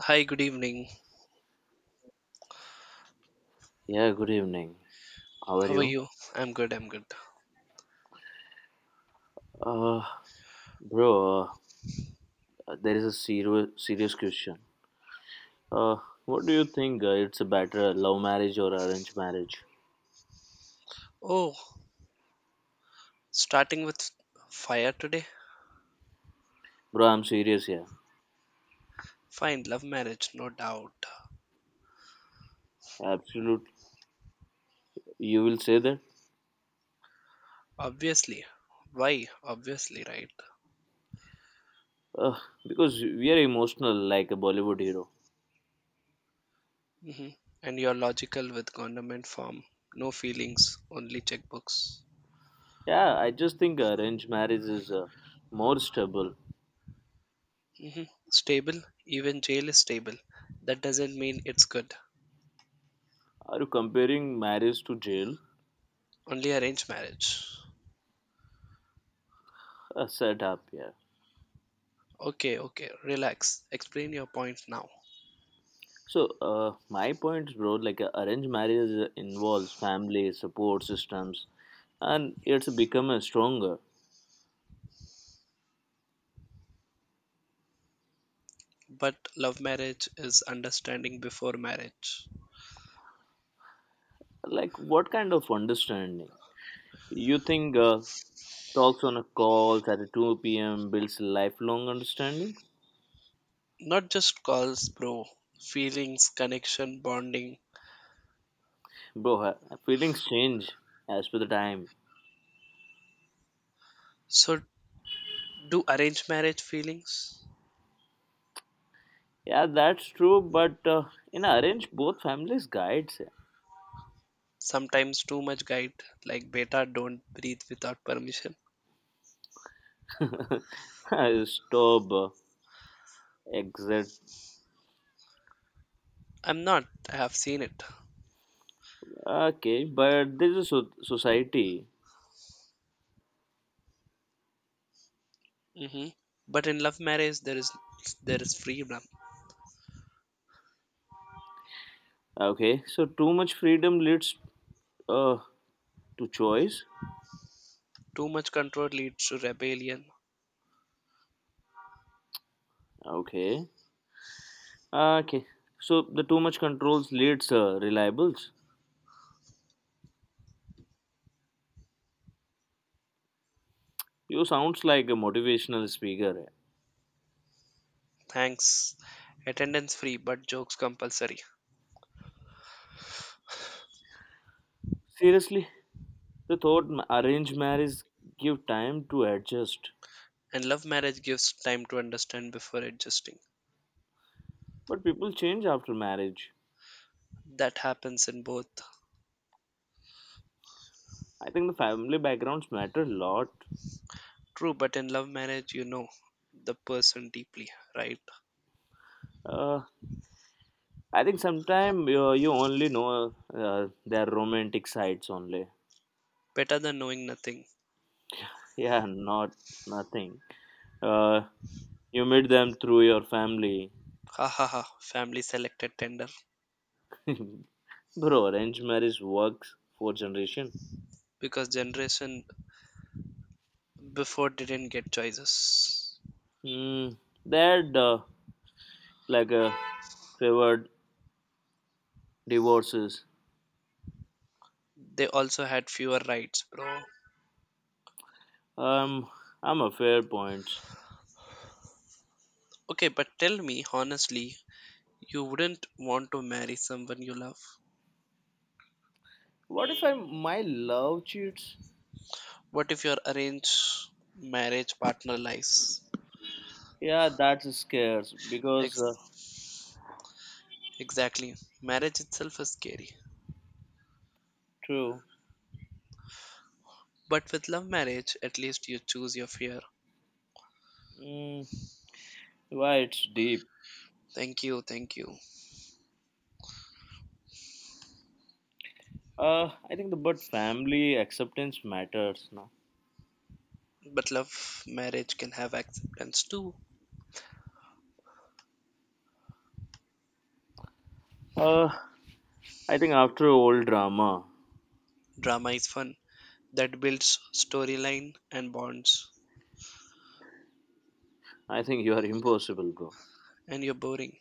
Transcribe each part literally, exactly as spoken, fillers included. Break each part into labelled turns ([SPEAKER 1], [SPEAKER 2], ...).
[SPEAKER 1] Hi, good evening.
[SPEAKER 2] Yeah, good evening. How are
[SPEAKER 1] How are
[SPEAKER 2] you?
[SPEAKER 1] you? I'm good, I'm good.
[SPEAKER 2] Uh, bro, uh, there is a serious serious question. Uh, what do you think? Uh, it's a better uh, love marriage or arranged marriage?
[SPEAKER 1] Oh, starting with fire today?
[SPEAKER 2] Bro, I'm serious here.
[SPEAKER 1] Fine, love marriage, no doubt.
[SPEAKER 2] Absolute. You will say that?
[SPEAKER 1] Obviously. Why? Obviously, right?
[SPEAKER 2] Uh, because we are emotional like a Bollywood hero.
[SPEAKER 1] hmm And you're logical with government form. No feelings, only checkbooks.
[SPEAKER 2] Yeah, I just think arranged marriage is uh, more stable.
[SPEAKER 1] hmm Stable? Even jail is stable. That doesn't mean it's good.
[SPEAKER 2] Are you comparing marriage to jail?
[SPEAKER 1] Only arranged marriage.
[SPEAKER 2] Uh, set up, yeah.
[SPEAKER 1] Okay, okay, relax. Explain your point now.
[SPEAKER 2] So, uh, my point, bro, like uh, arranged marriage uh, involves family support systems, and it's become a stronger.
[SPEAKER 1] But love marriage is understanding before marriage.
[SPEAKER 2] Like, what kind of understanding you think uh, talks on a call at two p m builds lifelong understanding?
[SPEAKER 1] Not just calls, bro. Feelings, connection, bonding.
[SPEAKER 2] Bro, uh, feelings change as per the time.
[SPEAKER 1] So, do arranged marriage feelings?
[SPEAKER 2] Yeah, that's true, but uh, in arranged, both families guides.
[SPEAKER 1] Sometimes too much guide, like beta, don't breathe without permission.
[SPEAKER 2] Stop, uh, exit.
[SPEAKER 1] I'm not. I have seen it.
[SPEAKER 2] Okay, but there's a so- society.
[SPEAKER 1] hmm But in love marriage, there is there is freedom.
[SPEAKER 2] Okay, so too much freedom leads uh, to choice.
[SPEAKER 1] Too much control leads to rebellion.
[SPEAKER 2] Okay, uh, okay. So the too much controls leads uh, reliables. You sounds like a motivational speaker.
[SPEAKER 1] Thanks. Attendance free, but jokes compulsory.
[SPEAKER 2] Seriously, the thought ma- arranged marriage give time to adjust,
[SPEAKER 1] And love marriage gives time to understand before adjusting.
[SPEAKER 2] but people change after marriage.
[SPEAKER 1] That happens in both.
[SPEAKER 2] I think the family backgrounds matter a lot.
[SPEAKER 1] True, but in love marriage, you know the person deeply, right?
[SPEAKER 2] Uh, I think sometimes uh, you only know uh, their romantic sides only.
[SPEAKER 1] Better than knowing nothing.
[SPEAKER 2] Yeah, not nothing. Uh, You meet them through your family.
[SPEAKER 1] Ha ha ha. Family selected tender
[SPEAKER 2] Bro, arranged marriage works for generation.
[SPEAKER 1] because generation before didn't get choices.
[SPEAKER 2] Mm, that uh, like a favored divorces.
[SPEAKER 1] They also had fewer rights, bro.
[SPEAKER 2] Um, I'm a fair point.
[SPEAKER 1] Okay, but tell me honestly, you wouldn't want to marry someone you love.
[SPEAKER 2] What if I my love cheats?
[SPEAKER 1] What if your arranged marriage partner lies?
[SPEAKER 2] Yeah, that's scares because uh,
[SPEAKER 1] Ex- exactly. Marriage itself is scary.
[SPEAKER 2] true.
[SPEAKER 1] But with love marriage, at least you choose your fear.
[SPEAKER 2] Mm, why it's deep.
[SPEAKER 1] Thank you, thank you.
[SPEAKER 2] Uh, I think the but family acceptance matters now.
[SPEAKER 1] But love marriage can have acceptance too.
[SPEAKER 2] Uh, I think after all drama,
[SPEAKER 1] Drama is fun. That builds storyline and bonds.
[SPEAKER 2] I think you are impossible, bro.
[SPEAKER 1] And you're boring.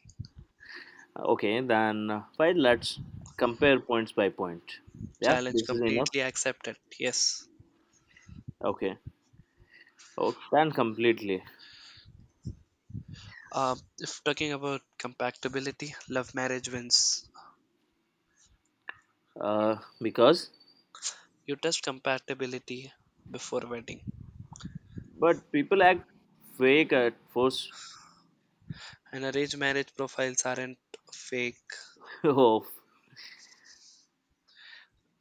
[SPEAKER 2] Okay, then uh, fine. Let's compare points by point. Yeah,
[SPEAKER 1] Challenge
[SPEAKER 2] this is enough.
[SPEAKER 1] completely accepted. Yes.
[SPEAKER 2] Okay. Oh, then completely.
[SPEAKER 1] Uh, if talking about compatibility, love marriage wins.
[SPEAKER 2] Uh, because
[SPEAKER 1] You test compatibility before wedding.
[SPEAKER 2] but people act fake at first.
[SPEAKER 1] And arranged marriage profiles aren't fake.
[SPEAKER 2] of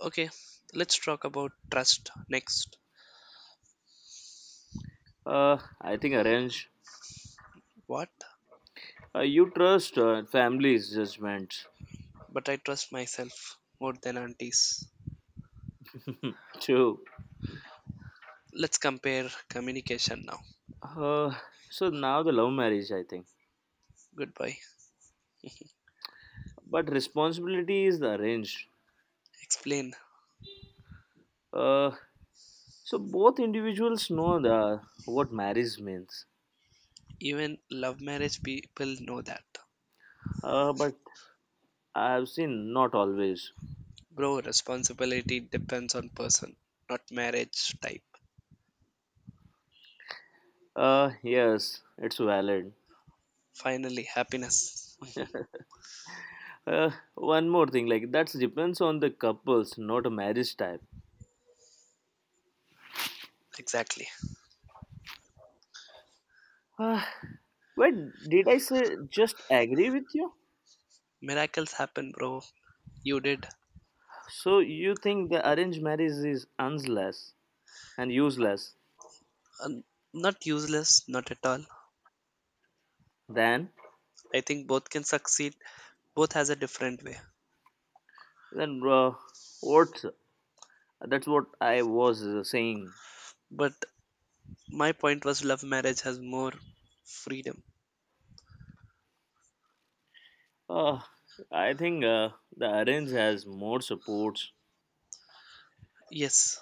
[SPEAKER 1] Okay, let's talk about trust next.
[SPEAKER 2] uh, I think arrange.
[SPEAKER 1] What?
[SPEAKER 2] Uh, you trust uh, family's judgment
[SPEAKER 1] But I trust myself more than aunties.
[SPEAKER 2] too.
[SPEAKER 1] Let's compare communication now.
[SPEAKER 2] Uh, so now the love marriage, I think.
[SPEAKER 1] Goodbye.
[SPEAKER 2] But responsibility is the arranged.
[SPEAKER 1] Explain.
[SPEAKER 2] Uh, so both individuals know the what marriage means.
[SPEAKER 1] Even love marriage people know that.
[SPEAKER 2] Uh, but I've seen not always.
[SPEAKER 1] Bro, responsibility depends on person, not marriage type.
[SPEAKER 2] Uh, yes, it's valid.
[SPEAKER 1] Finally, happiness.
[SPEAKER 2] Uh, one more thing, like that depends on the couples, not a marriage type.
[SPEAKER 1] Exactly.
[SPEAKER 2] Uh, wait, did I say just agree with you?
[SPEAKER 1] Miracles happen, bro. You did.
[SPEAKER 2] So you think the arranged marriage is useless and useless?
[SPEAKER 1] Um, not useless, not at all.
[SPEAKER 2] Then,
[SPEAKER 1] I think both can succeed. Both has a different way.
[SPEAKER 2] then uh, what? That's what I was uh, saying.
[SPEAKER 1] But my point was love marriage has more freedom.
[SPEAKER 2] Uh, I think uh, the arranged has more supports,
[SPEAKER 1] Yes.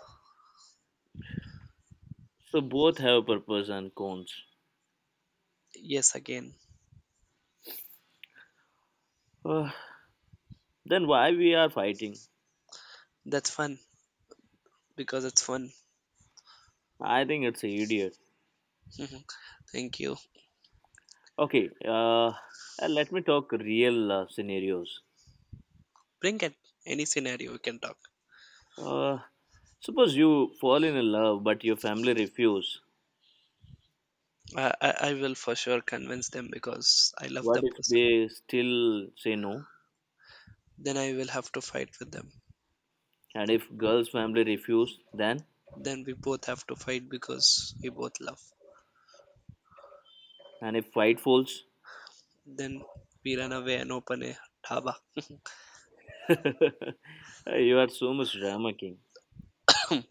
[SPEAKER 2] so both have purpose and cons.
[SPEAKER 1] Yes, again.
[SPEAKER 2] Uh, then why we are fighting?
[SPEAKER 1] That's fun because it's fun.
[SPEAKER 2] I think it's a idiot.
[SPEAKER 1] Thank you.
[SPEAKER 2] Okay, uh, uh, let me talk real uh, scenarios.
[SPEAKER 1] Bring it. Any scenario we can talk.
[SPEAKER 2] Uh, suppose you fall in love, but your family refuse.
[SPEAKER 1] I, I I will for sure convince them because I love
[SPEAKER 2] What
[SPEAKER 1] that
[SPEAKER 2] if
[SPEAKER 1] person.
[SPEAKER 2] they still say no?
[SPEAKER 1] Then I will have to fight with them.
[SPEAKER 2] And if girl's family refuse, then
[SPEAKER 1] Then we both have to fight because we both love.
[SPEAKER 2] and if fight falls,
[SPEAKER 1] Then we run away and open a dhaba.
[SPEAKER 2] you are so much drama king.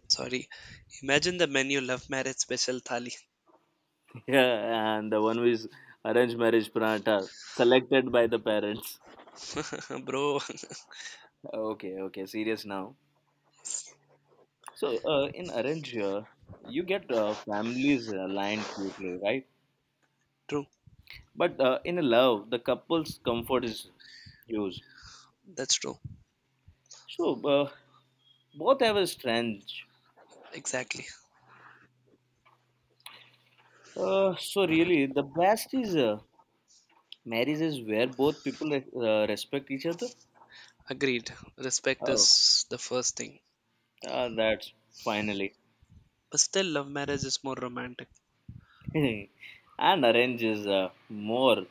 [SPEAKER 1] Sorry. Imagine the menu love marriage special thali.
[SPEAKER 2] Yeah, and the one who is arranged marriage pranata selected by the parents.
[SPEAKER 1] Bro,
[SPEAKER 2] Okay, okay, serious now. So uh, in arrange, uh, you get uh, families aligned quickly, right?
[SPEAKER 1] true.
[SPEAKER 2] But uh, in love, the couple's comfort is huge.
[SPEAKER 1] That's true.
[SPEAKER 2] So uh, both have a strength.
[SPEAKER 1] Exactly.
[SPEAKER 2] Uh, so really, the best is uh, marriages where both people uh, respect each other.
[SPEAKER 1] Agreed. Respect
[SPEAKER 2] Oh,
[SPEAKER 1] is the first thing.
[SPEAKER 2] uh, that's finally.
[SPEAKER 1] But still, love marriage is more romantic.
[SPEAKER 2] and arrange is uh, more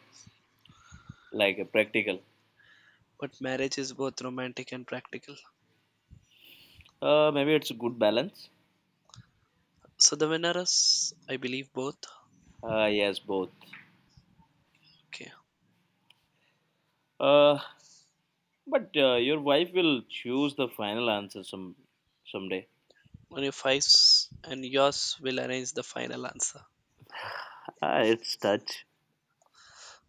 [SPEAKER 2] like a practical.
[SPEAKER 1] But marriage is both romantic and practical.
[SPEAKER 2] Uh, maybe it's a good balance.
[SPEAKER 1] So the winner is, I believe, both.
[SPEAKER 2] Uh, yes, both.
[SPEAKER 1] Okay.
[SPEAKER 2] Uh, But uh, your wife will choose the final answer some someday.
[SPEAKER 1] Only fives and yours will arrange the final answer.
[SPEAKER 2] Ah, it's touch,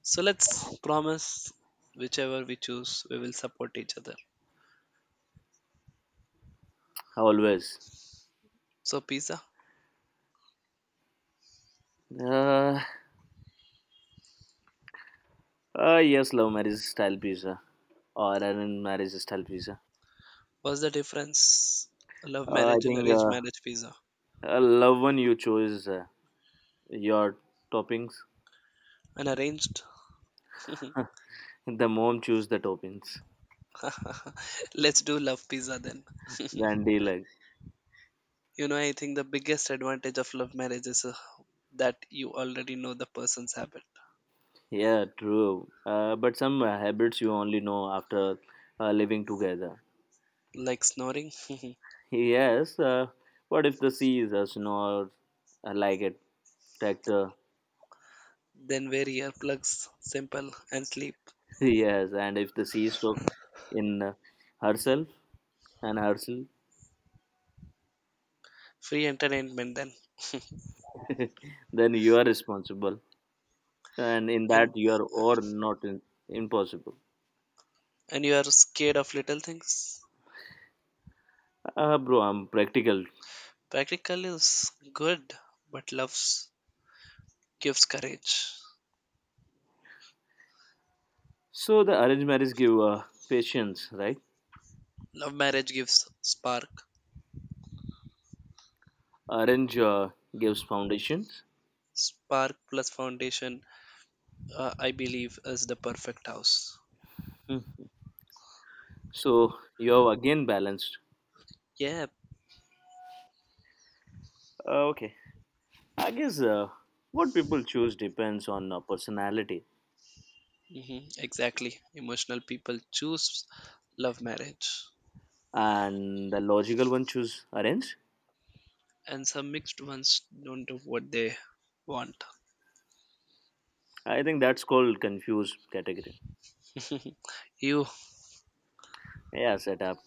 [SPEAKER 1] So let's promise whichever we choose, we will support each other.
[SPEAKER 2] always.
[SPEAKER 1] So pizza,
[SPEAKER 2] Uh, uh, yes, love marriage style pizza or arranged marriage style pizza.
[SPEAKER 1] what's the difference? Love
[SPEAKER 2] Uh, I
[SPEAKER 1] marriage and
[SPEAKER 2] think
[SPEAKER 1] arranged
[SPEAKER 2] uh,
[SPEAKER 1] marriage pizza.
[SPEAKER 2] uh, love one you choose uh, your toppings.
[SPEAKER 1] And arranged?
[SPEAKER 2] The mom choose the toppings.
[SPEAKER 1] Let's do love pizza then.
[SPEAKER 2] Then they like,
[SPEAKER 1] you know, I think the biggest advantage of love marriage is uh, that you already know the person's habit,
[SPEAKER 2] yeah, true. Uh, but some uh, habits you only know after uh, living together.
[SPEAKER 1] like snoring.
[SPEAKER 2] Yes. Uh, what if the sea is a snore uh, like a tractor?
[SPEAKER 1] Then wear earplugs, simple, and sleep.
[SPEAKER 2] yes. And if the sea stuck in uh, herself and herself,
[SPEAKER 1] Free entertainment then.
[SPEAKER 2] then you are responsible. And in
[SPEAKER 1] And.
[SPEAKER 2] that, you are or not in, impossible.
[SPEAKER 1] And you are scared of little things?
[SPEAKER 2] Uh, bro, I'm practical.
[SPEAKER 1] Practical is good, but love gives courage.
[SPEAKER 2] So the arranged marriage give uh, patience, right?
[SPEAKER 1] Love marriage gives spark.
[SPEAKER 2] Arrange uh, gives foundations.
[SPEAKER 1] Spark plus foundation, uh, I believe, is the perfect house.
[SPEAKER 2] So you have again balanced.
[SPEAKER 1] Yeah,
[SPEAKER 2] Uh, okay. I guess uh, what people choose depends on uh, personality.
[SPEAKER 1] hmm exactly. Emotional people choose love marriage,
[SPEAKER 2] And the logical one choose arrange.
[SPEAKER 1] and some mixed ones don't do what they want.
[SPEAKER 2] I think that's called confuse category.
[SPEAKER 1] You,
[SPEAKER 2] Yeah, setup.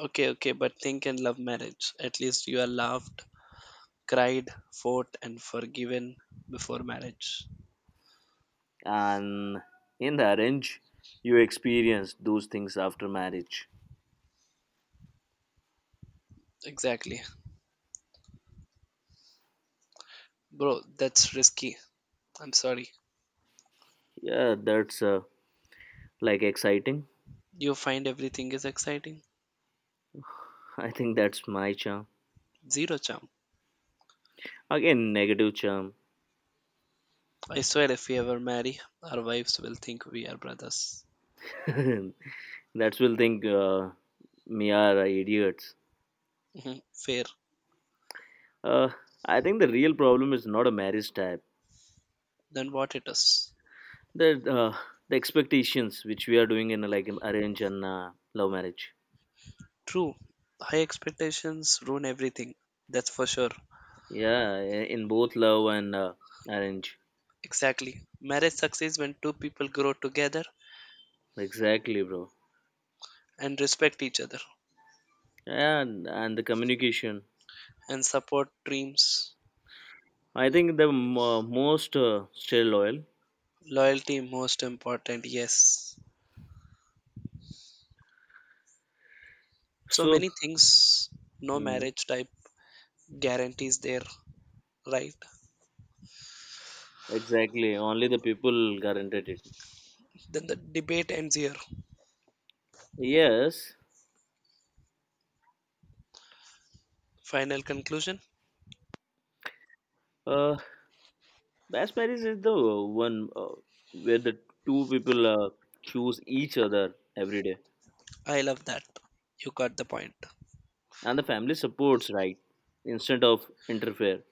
[SPEAKER 1] okay, okay, but think in love marriage. At least you are loved, cried, fought, and forgiven before marriage.
[SPEAKER 2] And in the arrange, you experience those things after marriage.
[SPEAKER 1] Exactly. Bro, that's risky. I'm sorry.
[SPEAKER 2] Yeah, that's uh, like exciting.
[SPEAKER 1] You find everything is exciting?
[SPEAKER 2] I think that's my charm.
[SPEAKER 1] Zero charm.
[SPEAKER 2] Again, negative charm.
[SPEAKER 1] I swear if we ever marry, our wives will think we are brothers.
[SPEAKER 2] that's will think uh, me are idiots.
[SPEAKER 1] Mhm. Fair.
[SPEAKER 2] Uh, I think the real problem is not a marriage type.
[SPEAKER 1] Then what it is?
[SPEAKER 2] The uh, the expectations which we are doing in like arrange and uh, love marriage.
[SPEAKER 1] True. High expectations ruin everything. That's for sure.
[SPEAKER 2] Yeah, i- in both love and uh, arrange.
[SPEAKER 1] Exactly. Marriage succeeds when two people grow together
[SPEAKER 2] Exactly, bro.
[SPEAKER 1] and respect each other
[SPEAKER 2] And and the communication.
[SPEAKER 1] and support dreams.
[SPEAKER 2] I think the mo most uh, stay loyal.
[SPEAKER 1] Loyalty, most important, yes. So
[SPEAKER 2] So.
[SPEAKER 1] many things no
[SPEAKER 2] Mm,
[SPEAKER 1] marriage type guarantees there. Right.
[SPEAKER 2] exactly, only the people guaranteed it.
[SPEAKER 1] Then the debate ends here.
[SPEAKER 2] Yes,
[SPEAKER 1] Final conclusion?
[SPEAKER 2] uh, best marriage is the one uh, where the two people uh, choose each other every day,
[SPEAKER 1] I love that. You got the point.
[SPEAKER 2] and the family supports right instead of interfere.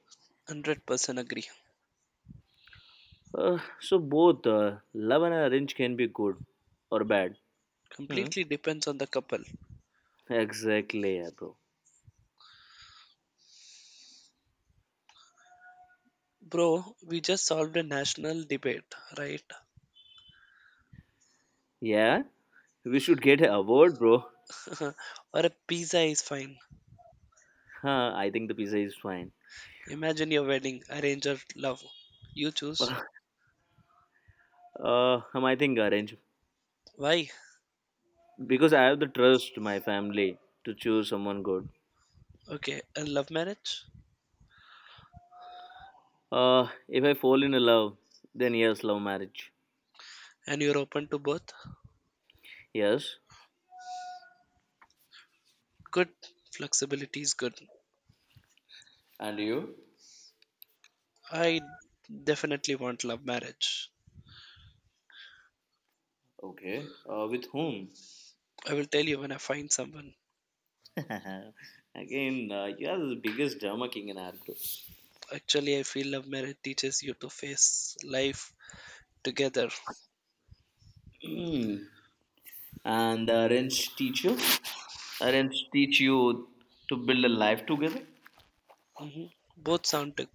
[SPEAKER 1] a hundred percent agree.
[SPEAKER 2] Uh, so both uh, love and arrange can be good or bad. Hmm.
[SPEAKER 1] Completely depends on the couple.
[SPEAKER 2] Exactly, yeah, bro.
[SPEAKER 1] Bro, we just solved a national debate, right?
[SPEAKER 2] Yeah, we should get an award, bro.
[SPEAKER 1] Or a pizza is fine.
[SPEAKER 2] Huh, I think the pizza is fine.
[SPEAKER 1] Imagine your wedding, arrange or love. You choose.
[SPEAKER 2] uh, um, I think arrange
[SPEAKER 1] Why?
[SPEAKER 2] because I have the trust my family to choose someone good.
[SPEAKER 1] Okay, a love marriage?
[SPEAKER 2] Uh, if I fall in love, then yes, love marriage.
[SPEAKER 1] And you're open to both?
[SPEAKER 2] Yes.
[SPEAKER 1] Good. Flexibility is good.
[SPEAKER 2] And you?
[SPEAKER 1] I definitely want love marriage.
[SPEAKER 2] Okay. Uh, with whom?
[SPEAKER 1] I will tell you when I find someone.
[SPEAKER 2] Again, uh, you are the biggest drama king in our group.
[SPEAKER 1] Actually, I feel love marriage teaches you to face life together.
[SPEAKER 2] Mm. and the arrange teacher? Arrange teach you to build a life together?
[SPEAKER 1] hmm Both sound to-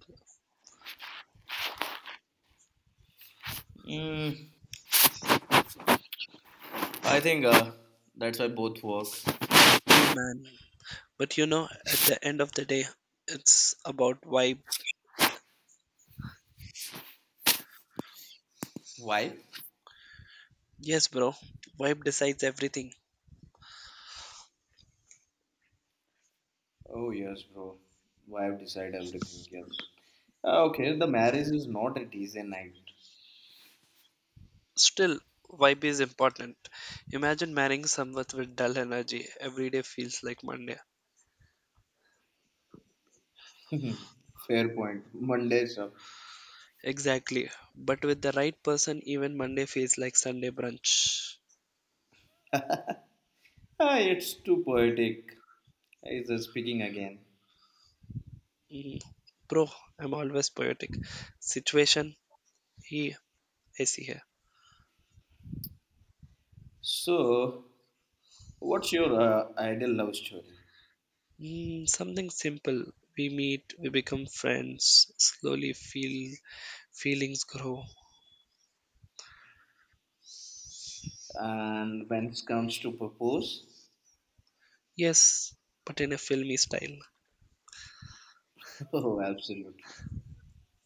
[SPEAKER 2] Mm. I think uh, that's why both work.
[SPEAKER 1] cool, man. But you know, at the end of the day, it's about vibe.
[SPEAKER 2] Why?
[SPEAKER 1] Yes, bro, vibe decides everything.
[SPEAKER 2] Oh yes, bro. Why I decide everything? Yes. Ah, okay, the marriage is not a Tuesday night.
[SPEAKER 1] Still, vibe is important. Imagine marrying someone with dull energy. Every day feels like Monday.
[SPEAKER 2] Fair point. Monday up.
[SPEAKER 1] Exactly. But with the right person, even Monday feels like Sunday brunch.
[SPEAKER 2] Ah, it's too poetic. Is speaking again.
[SPEAKER 1] Mm. Bro, I'm always poetic. Situation, he, I see here.
[SPEAKER 2] So, what's your uh, ideal love story?
[SPEAKER 1] Mm, something simple. We meet, we become friends, slowly feel feelings grow.
[SPEAKER 2] And when it comes to propose,
[SPEAKER 1] Yes, but in a filmy style.
[SPEAKER 2] oh, absolutely.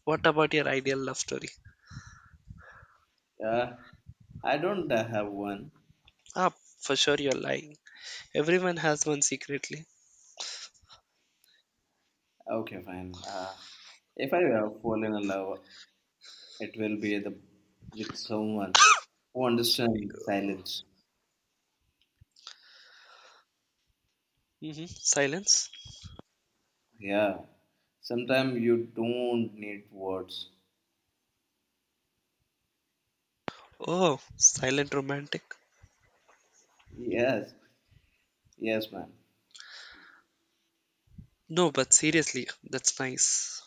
[SPEAKER 1] What about your ideal love story?
[SPEAKER 2] Yeah, I don't uh, have one.
[SPEAKER 1] Ah, for sure you're lying. Everyone has one secretly.
[SPEAKER 2] Okay, fine. Uh, if I uh, fall in love, It will be the, with someone who
[SPEAKER 1] Sorry.
[SPEAKER 2] understands silence.
[SPEAKER 1] Mm-hmm. Silence.
[SPEAKER 2] Yeah. Sometimes you don't need words.
[SPEAKER 1] Oh, silent romantic.
[SPEAKER 2] Yes. Yes, ma'am.
[SPEAKER 1] No, but seriously, that's nice.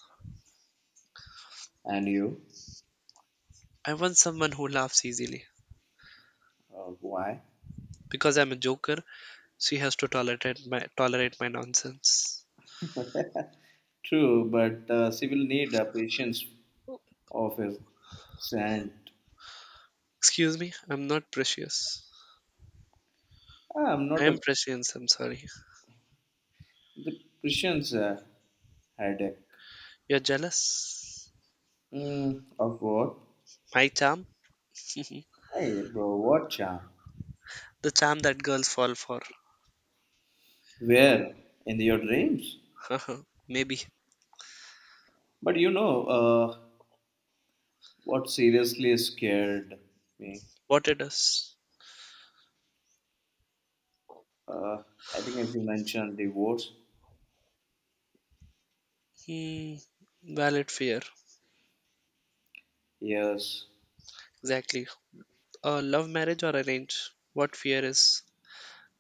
[SPEAKER 2] And you?
[SPEAKER 1] I want someone who laughs easily.
[SPEAKER 2] Uh, why?
[SPEAKER 1] Because I'm a joker, she has to tolerate my tolerate my nonsense.
[SPEAKER 2] True, but uh, she will need a patience of a saint.
[SPEAKER 1] Excuse me, I'm not precious.
[SPEAKER 2] I'm
[SPEAKER 1] I
[SPEAKER 2] not a
[SPEAKER 1] am prescience. I'm sorry.
[SPEAKER 2] the patience uh, headache.
[SPEAKER 1] You're jealous?
[SPEAKER 2] Mm, of what?
[SPEAKER 1] My charm?
[SPEAKER 2] Hey, bro, what charm?
[SPEAKER 1] The charm that girls fall for.
[SPEAKER 2] Where? In your dreams?
[SPEAKER 1] Maybe.
[SPEAKER 2] But you know, uh, What seriously scared me?
[SPEAKER 1] What it is?
[SPEAKER 2] Uh, I think as you mentioned, divorce.
[SPEAKER 1] Hmm. Valid fear.
[SPEAKER 2] Yes,
[SPEAKER 1] Exactly. A love marriage or arrange? What fear is?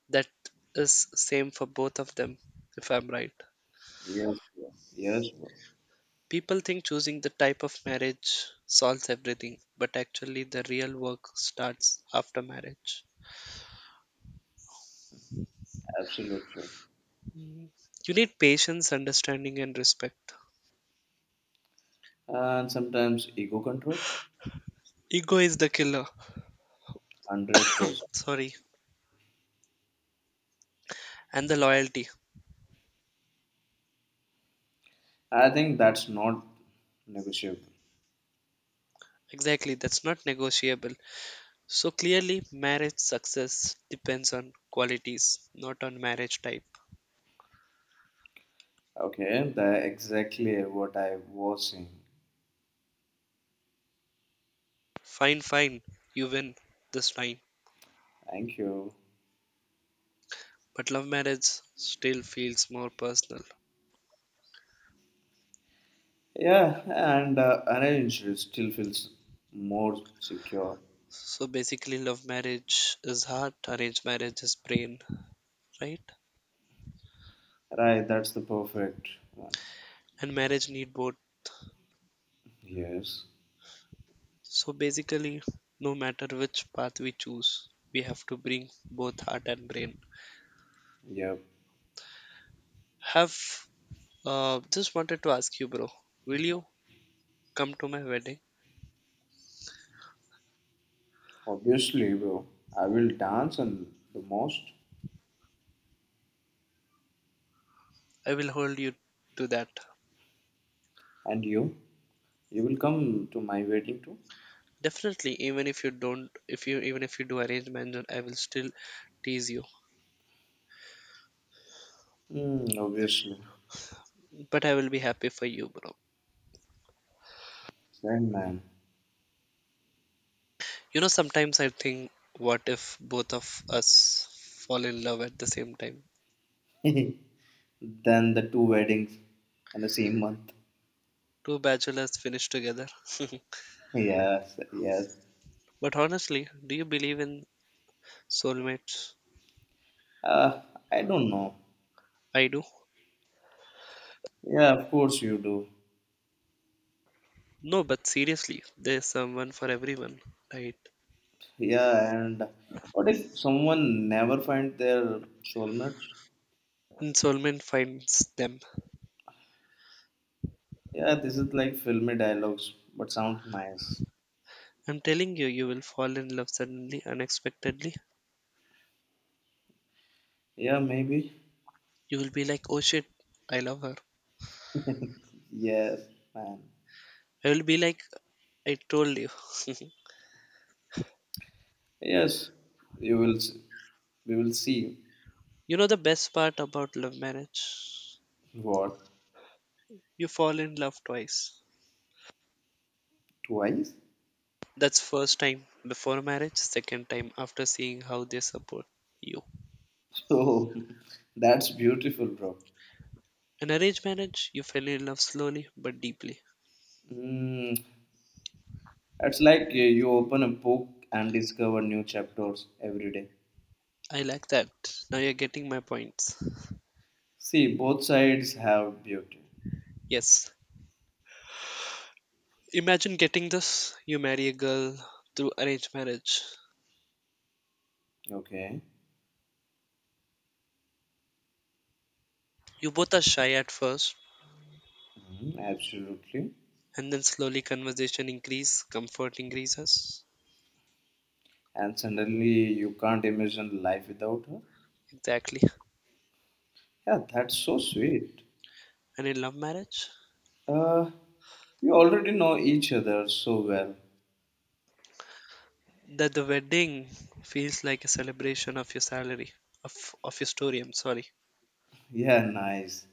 [SPEAKER 1] That is same for both of them, if I'm right.
[SPEAKER 2] yes, bro. Yes, bro.
[SPEAKER 1] People think choosing the type of marriage solves everything, but actually the real work starts after marriage.
[SPEAKER 2] Absolutely.
[SPEAKER 1] Hmm. You need patience, understanding, and respect.
[SPEAKER 2] And sometimes ego control,
[SPEAKER 1] Ego is the killer.
[SPEAKER 2] hundred percent.
[SPEAKER 1] Sorry. And the loyalty.
[SPEAKER 2] I think that's not negotiable.
[SPEAKER 1] Exactly, that's not negotiable. So clearly, marriage success depends on qualities, not on marriage type.
[SPEAKER 2] Okay, that's exactly what I was saying.
[SPEAKER 1] Fine, fine, you win this time.
[SPEAKER 2] Thank you.
[SPEAKER 1] But love marriage still feels more personal.
[SPEAKER 2] Yeah, and uh, arranged it still feels more secure.
[SPEAKER 1] So basically, love marriage is heart, arranged marriage is brain, right?
[SPEAKER 2] Right, that's the perfect one.
[SPEAKER 1] And marriage need both.
[SPEAKER 2] Yes.
[SPEAKER 1] So basically, no matter which path we choose, we have to bring both heart and brain.
[SPEAKER 2] Yep.
[SPEAKER 1] Have uh, just wanted to ask you, bro, will you come to my wedding?
[SPEAKER 2] Obviously, bro. I will dance and the most.
[SPEAKER 1] I will hold you to that.
[SPEAKER 2] And you? You will come to my wedding too?
[SPEAKER 1] Definitely, even if you don't, if you even if you do arrange marriage, I will still tease you.
[SPEAKER 2] Hmm, obviously.
[SPEAKER 1] But I will be happy for you, bro.
[SPEAKER 2] Same man.
[SPEAKER 1] You know, sometimes I think, what if both of us fall in love at the same time?
[SPEAKER 2] then the two weddings in the same month.
[SPEAKER 1] Two bachelors finish together.
[SPEAKER 2] Yes, yes.
[SPEAKER 1] But honestly, do you believe in soulmates?
[SPEAKER 2] Uh, I don't know.
[SPEAKER 1] I do.
[SPEAKER 2] Yeah, of course you do.
[SPEAKER 1] No, but seriously, there's someone for everyone, right?
[SPEAKER 2] Yeah, and what if someone never find their soulmates?
[SPEAKER 1] And soulmate finds them.
[SPEAKER 2] Yeah, this is like filmy dialogues, but sounds nice.
[SPEAKER 1] I'm telling you, you will fall in love suddenly, unexpectedly.
[SPEAKER 2] Yeah, maybe.
[SPEAKER 1] You will be like, oh shit, I love her.
[SPEAKER 2] Yes, man.
[SPEAKER 1] I will be like, I told you.
[SPEAKER 2] Yes, you will. s- We will see
[SPEAKER 1] You know the best part about love marriage?
[SPEAKER 2] what
[SPEAKER 1] You fall in love twice.
[SPEAKER 2] twice.
[SPEAKER 1] That's first time before marriage, second time after seeing how they support you.
[SPEAKER 2] So that's beautiful, bro.
[SPEAKER 1] In arranged marriage, you fell in love slowly but deeply.
[SPEAKER 2] Mm, it's like uh, you open a book and discover new chapters every day.
[SPEAKER 1] I like that. Now you're getting my points.
[SPEAKER 2] See, both sides have beauty.
[SPEAKER 1] Yes. Imagine getting this. You marry a girl through arranged marriage.
[SPEAKER 2] Okay,
[SPEAKER 1] You both are shy at first,
[SPEAKER 2] mhm, absolutely.
[SPEAKER 1] and then slowly conversation increase, comfort increases.
[SPEAKER 2] And suddenly you can't imagine life without her.
[SPEAKER 1] Exactly.
[SPEAKER 2] Yeah, that's so sweet.
[SPEAKER 1] And in love marriage,
[SPEAKER 2] Uh, you already know each other so well.
[SPEAKER 1] that the wedding feels like a celebration of your salary, of, of your story, I'm sorry.
[SPEAKER 2] Yeah, nice.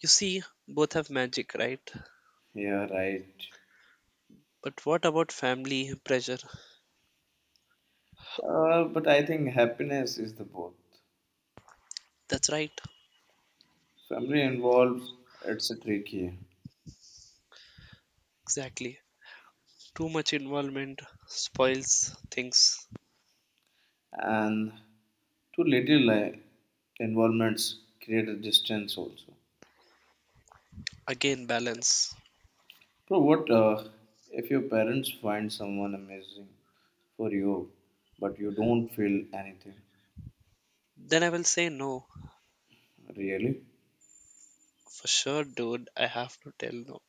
[SPEAKER 1] You see, both have magic, right?
[SPEAKER 2] Yeah, right.
[SPEAKER 1] But what about family pressure?
[SPEAKER 2] Uh, but I think happiness is the both.
[SPEAKER 1] That's right,
[SPEAKER 2] Family involves it's a tricky,
[SPEAKER 1] exactly. Too much involvement spoils things.
[SPEAKER 2] and too little like involvements create a distance also.
[SPEAKER 1] Again, balance.
[SPEAKER 2] Bro, what uh, if your parents find someone amazing for you, but you don't feel anything
[SPEAKER 1] Then I will say no.
[SPEAKER 2] really?
[SPEAKER 1] For sure, dude, I have to tell no.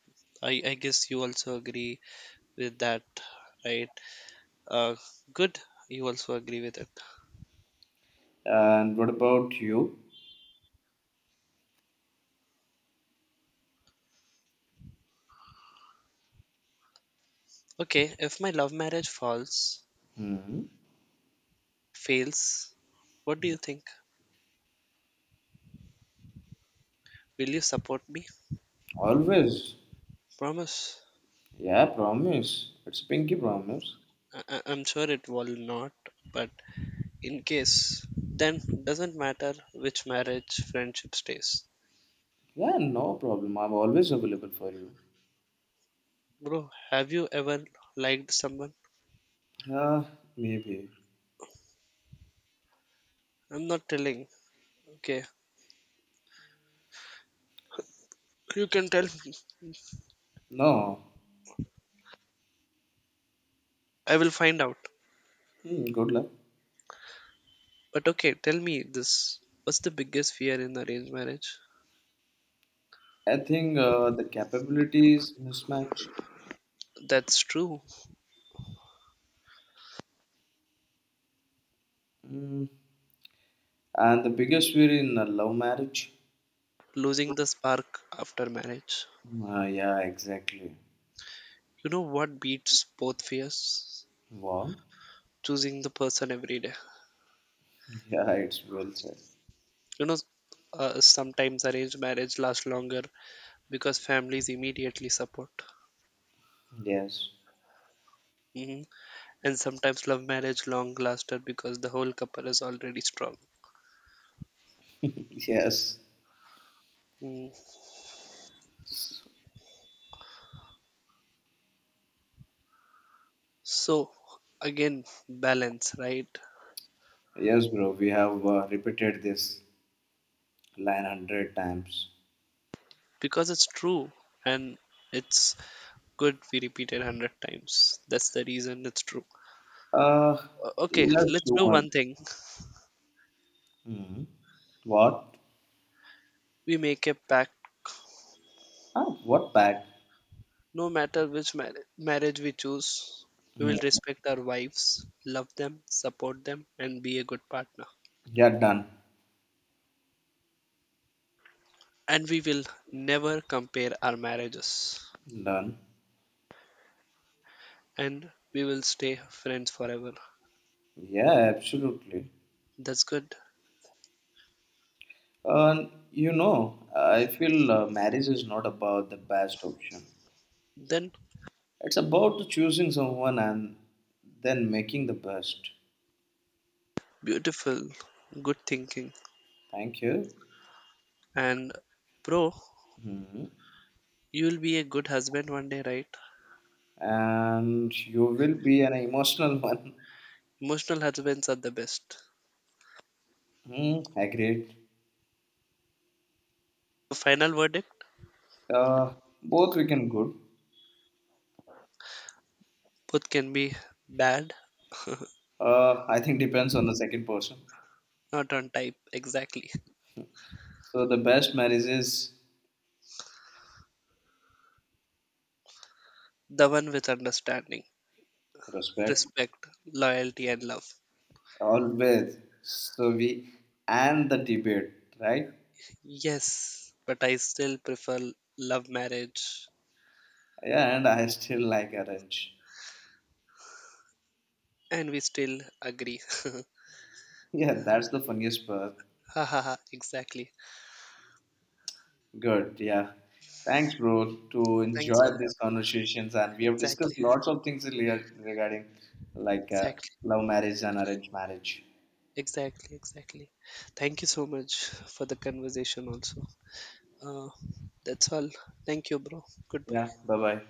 [SPEAKER 1] I, I guess you also agree with that, right? Uh, good, you also agree with it.
[SPEAKER 2] And what about you?
[SPEAKER 1] Okay, if my love marriage falls,
[SPEAKER 2] Hmm,
[SPEAKER 1] fails, what do you think? Will you support me?
[SPEAKER 2] always,
[SPEAKER 1] Promise.
[SPEAKER 2] yeah, promise. It's pinky promise.
[SPEAKER 1] I- I- I'm sure it will not, but in case, then doesn't matter which marriage friendship stays.
[SPEAKER 2] Yeah, no problem. I'm always available for you.
[SPEAKER 1] Bro, have you ever liked someone?
[SPEAKER 2] Yeah, maybe.
[SPEAKER 1] I'm not telling. Okay, you can tell me.
[SPEAKER 2] No.
[SPEAKER 1] I will find out.
[SPEAKER 2] Hmm, good luck.
[SPEAKER 1] But okay, tell me this. What's the biggest fear in arranged marriage?
[SPEAKER 2] I think uh, the capabilities mismatch.
[SPEAKER 1] That's true.
[SPEAKER 2] Mm. And the biggest fear in a love marriage.
[SPEAKER 1] Losing the spark after marriage.
[SPEAKER 2] Uh, yeah, exactly.
[SPEAKER 1] You know what beats both fears?
[SPEAKER 2] Wow.
[SPEAKER 1] Choosing the person every day.
[SPEAKER 2] Yeah, it's well said.
[SPEAKER 1] You know, uh, Sometimes arranged marriage lasts longer because families immediately support.
[SPEAKER 2] Yes.
[SPEAKER 1] hmm And sometimes love marriage long lasted because the whole couple is already strong.
[SPEAKER 2] Yes.
[SPEAKER 1] Mm. So, again, balance, right?
[SPEAKER 2] Yes, bro. We have uh, repeated this line hundred times.
[SPEAKER 1] Because it's true and it's good we repeat it a hundred times. That's the reason it's true.
[SPEAKER 2] Uh,
[SPEAKER 1] O- Okay,
[SPEAKER 2] let's
[SPEAKER 1] let's
[SPEAKER 2] do
[SPEAKER 1] do
[SPEAKER 2] one.
[SPEAKER 1] one thing.
[SPEAKER 2] Hmm. What?
[SPEAKER 1] We make a pact.
[SPEAKER 2] Ah, what pack?
[SPEAKER 1] No matter which mar- marriage we choose, we will
[SPEAKER 2] Hmm.
[SPEAKER 1] respect our wives, love them, support them, and be a good partner.
[SPEAKER 2] Yeah, done.
[SPEAKER 1] And we will never compare our marriages.
[SPEAKER 2] Done.
[SPEAKER 1] And we will stay friends forever.
[SPEAKER 2] Yeah, absolutely.
[SPEAKER 1] That's good.
[SPEAKER 2] Uh, you know, I feel uh, marriage is not about the best option.
[SPEAKER 1] Then,
[SPEAKER 2] It's about choosing someone and then making the best.
[SPEAKER 1] beautiful, good thinking.
[SPEAKER 2] Thank you.
[SPEAKER 1] And, bro,
[SPEAKER 2] hmm
[SPEAKER 1] you will be a good husband one day, right?
[SPEAKER 2] And you will be an emotional one.
[SPEAKER 1] Emotional husbands are the best.
[SPEAKER 2] Hmm. Agreed.
[SPEAKER 1] Final verdict,
[SPEAKER 2] Uh, both we can good.
[SPEAKER 1] both can be bad,
[SPEAKER 2] Uh, I think depends on the second person.
[SPEAKER 1] not on type, exactly.
[SPEAKER 2] So the best marriage is
[SPEAKER 1] The one with understanding.
[SPEAKER 2] respect
[SPEAKER 1] Respect, loyalty, and love.
[SPEAKER 2] always. So we and the debate, right?
[SPEAKER 1] Yes, but I still prefer love marriage,
[SPEAKER 2] Yeah, and I still like arrange.
[SPEAKER 1] and we still agree.
[SPEAKER 2] Yeah, that's the funniest part.
[SPEAKER 1] Ha ha ha! Exactly.
[SPEAKER 2] Good. Yeah. Thanks, bro, to
[SPEAKER 1] Thanks
[SPEAKER 2] enjoy
[SPEAKER 1] all.
[SPEAKER 2] these conversations. And we have
[SPEAKER 1] Exactly.
[SPEAKER 2] discussed lots of things rela- regarding like uh,
[SPEAKER 1] Exactly.
[SPEAKER 2] love marriage and arranged marriage.
[SPEAKER 1] Exactly. Exactly. Thank you so much for the conversation. Also, uh, that's all. Thank you, bro. Goodbye.
[SPEAKER 2] Yeah. Bye bye.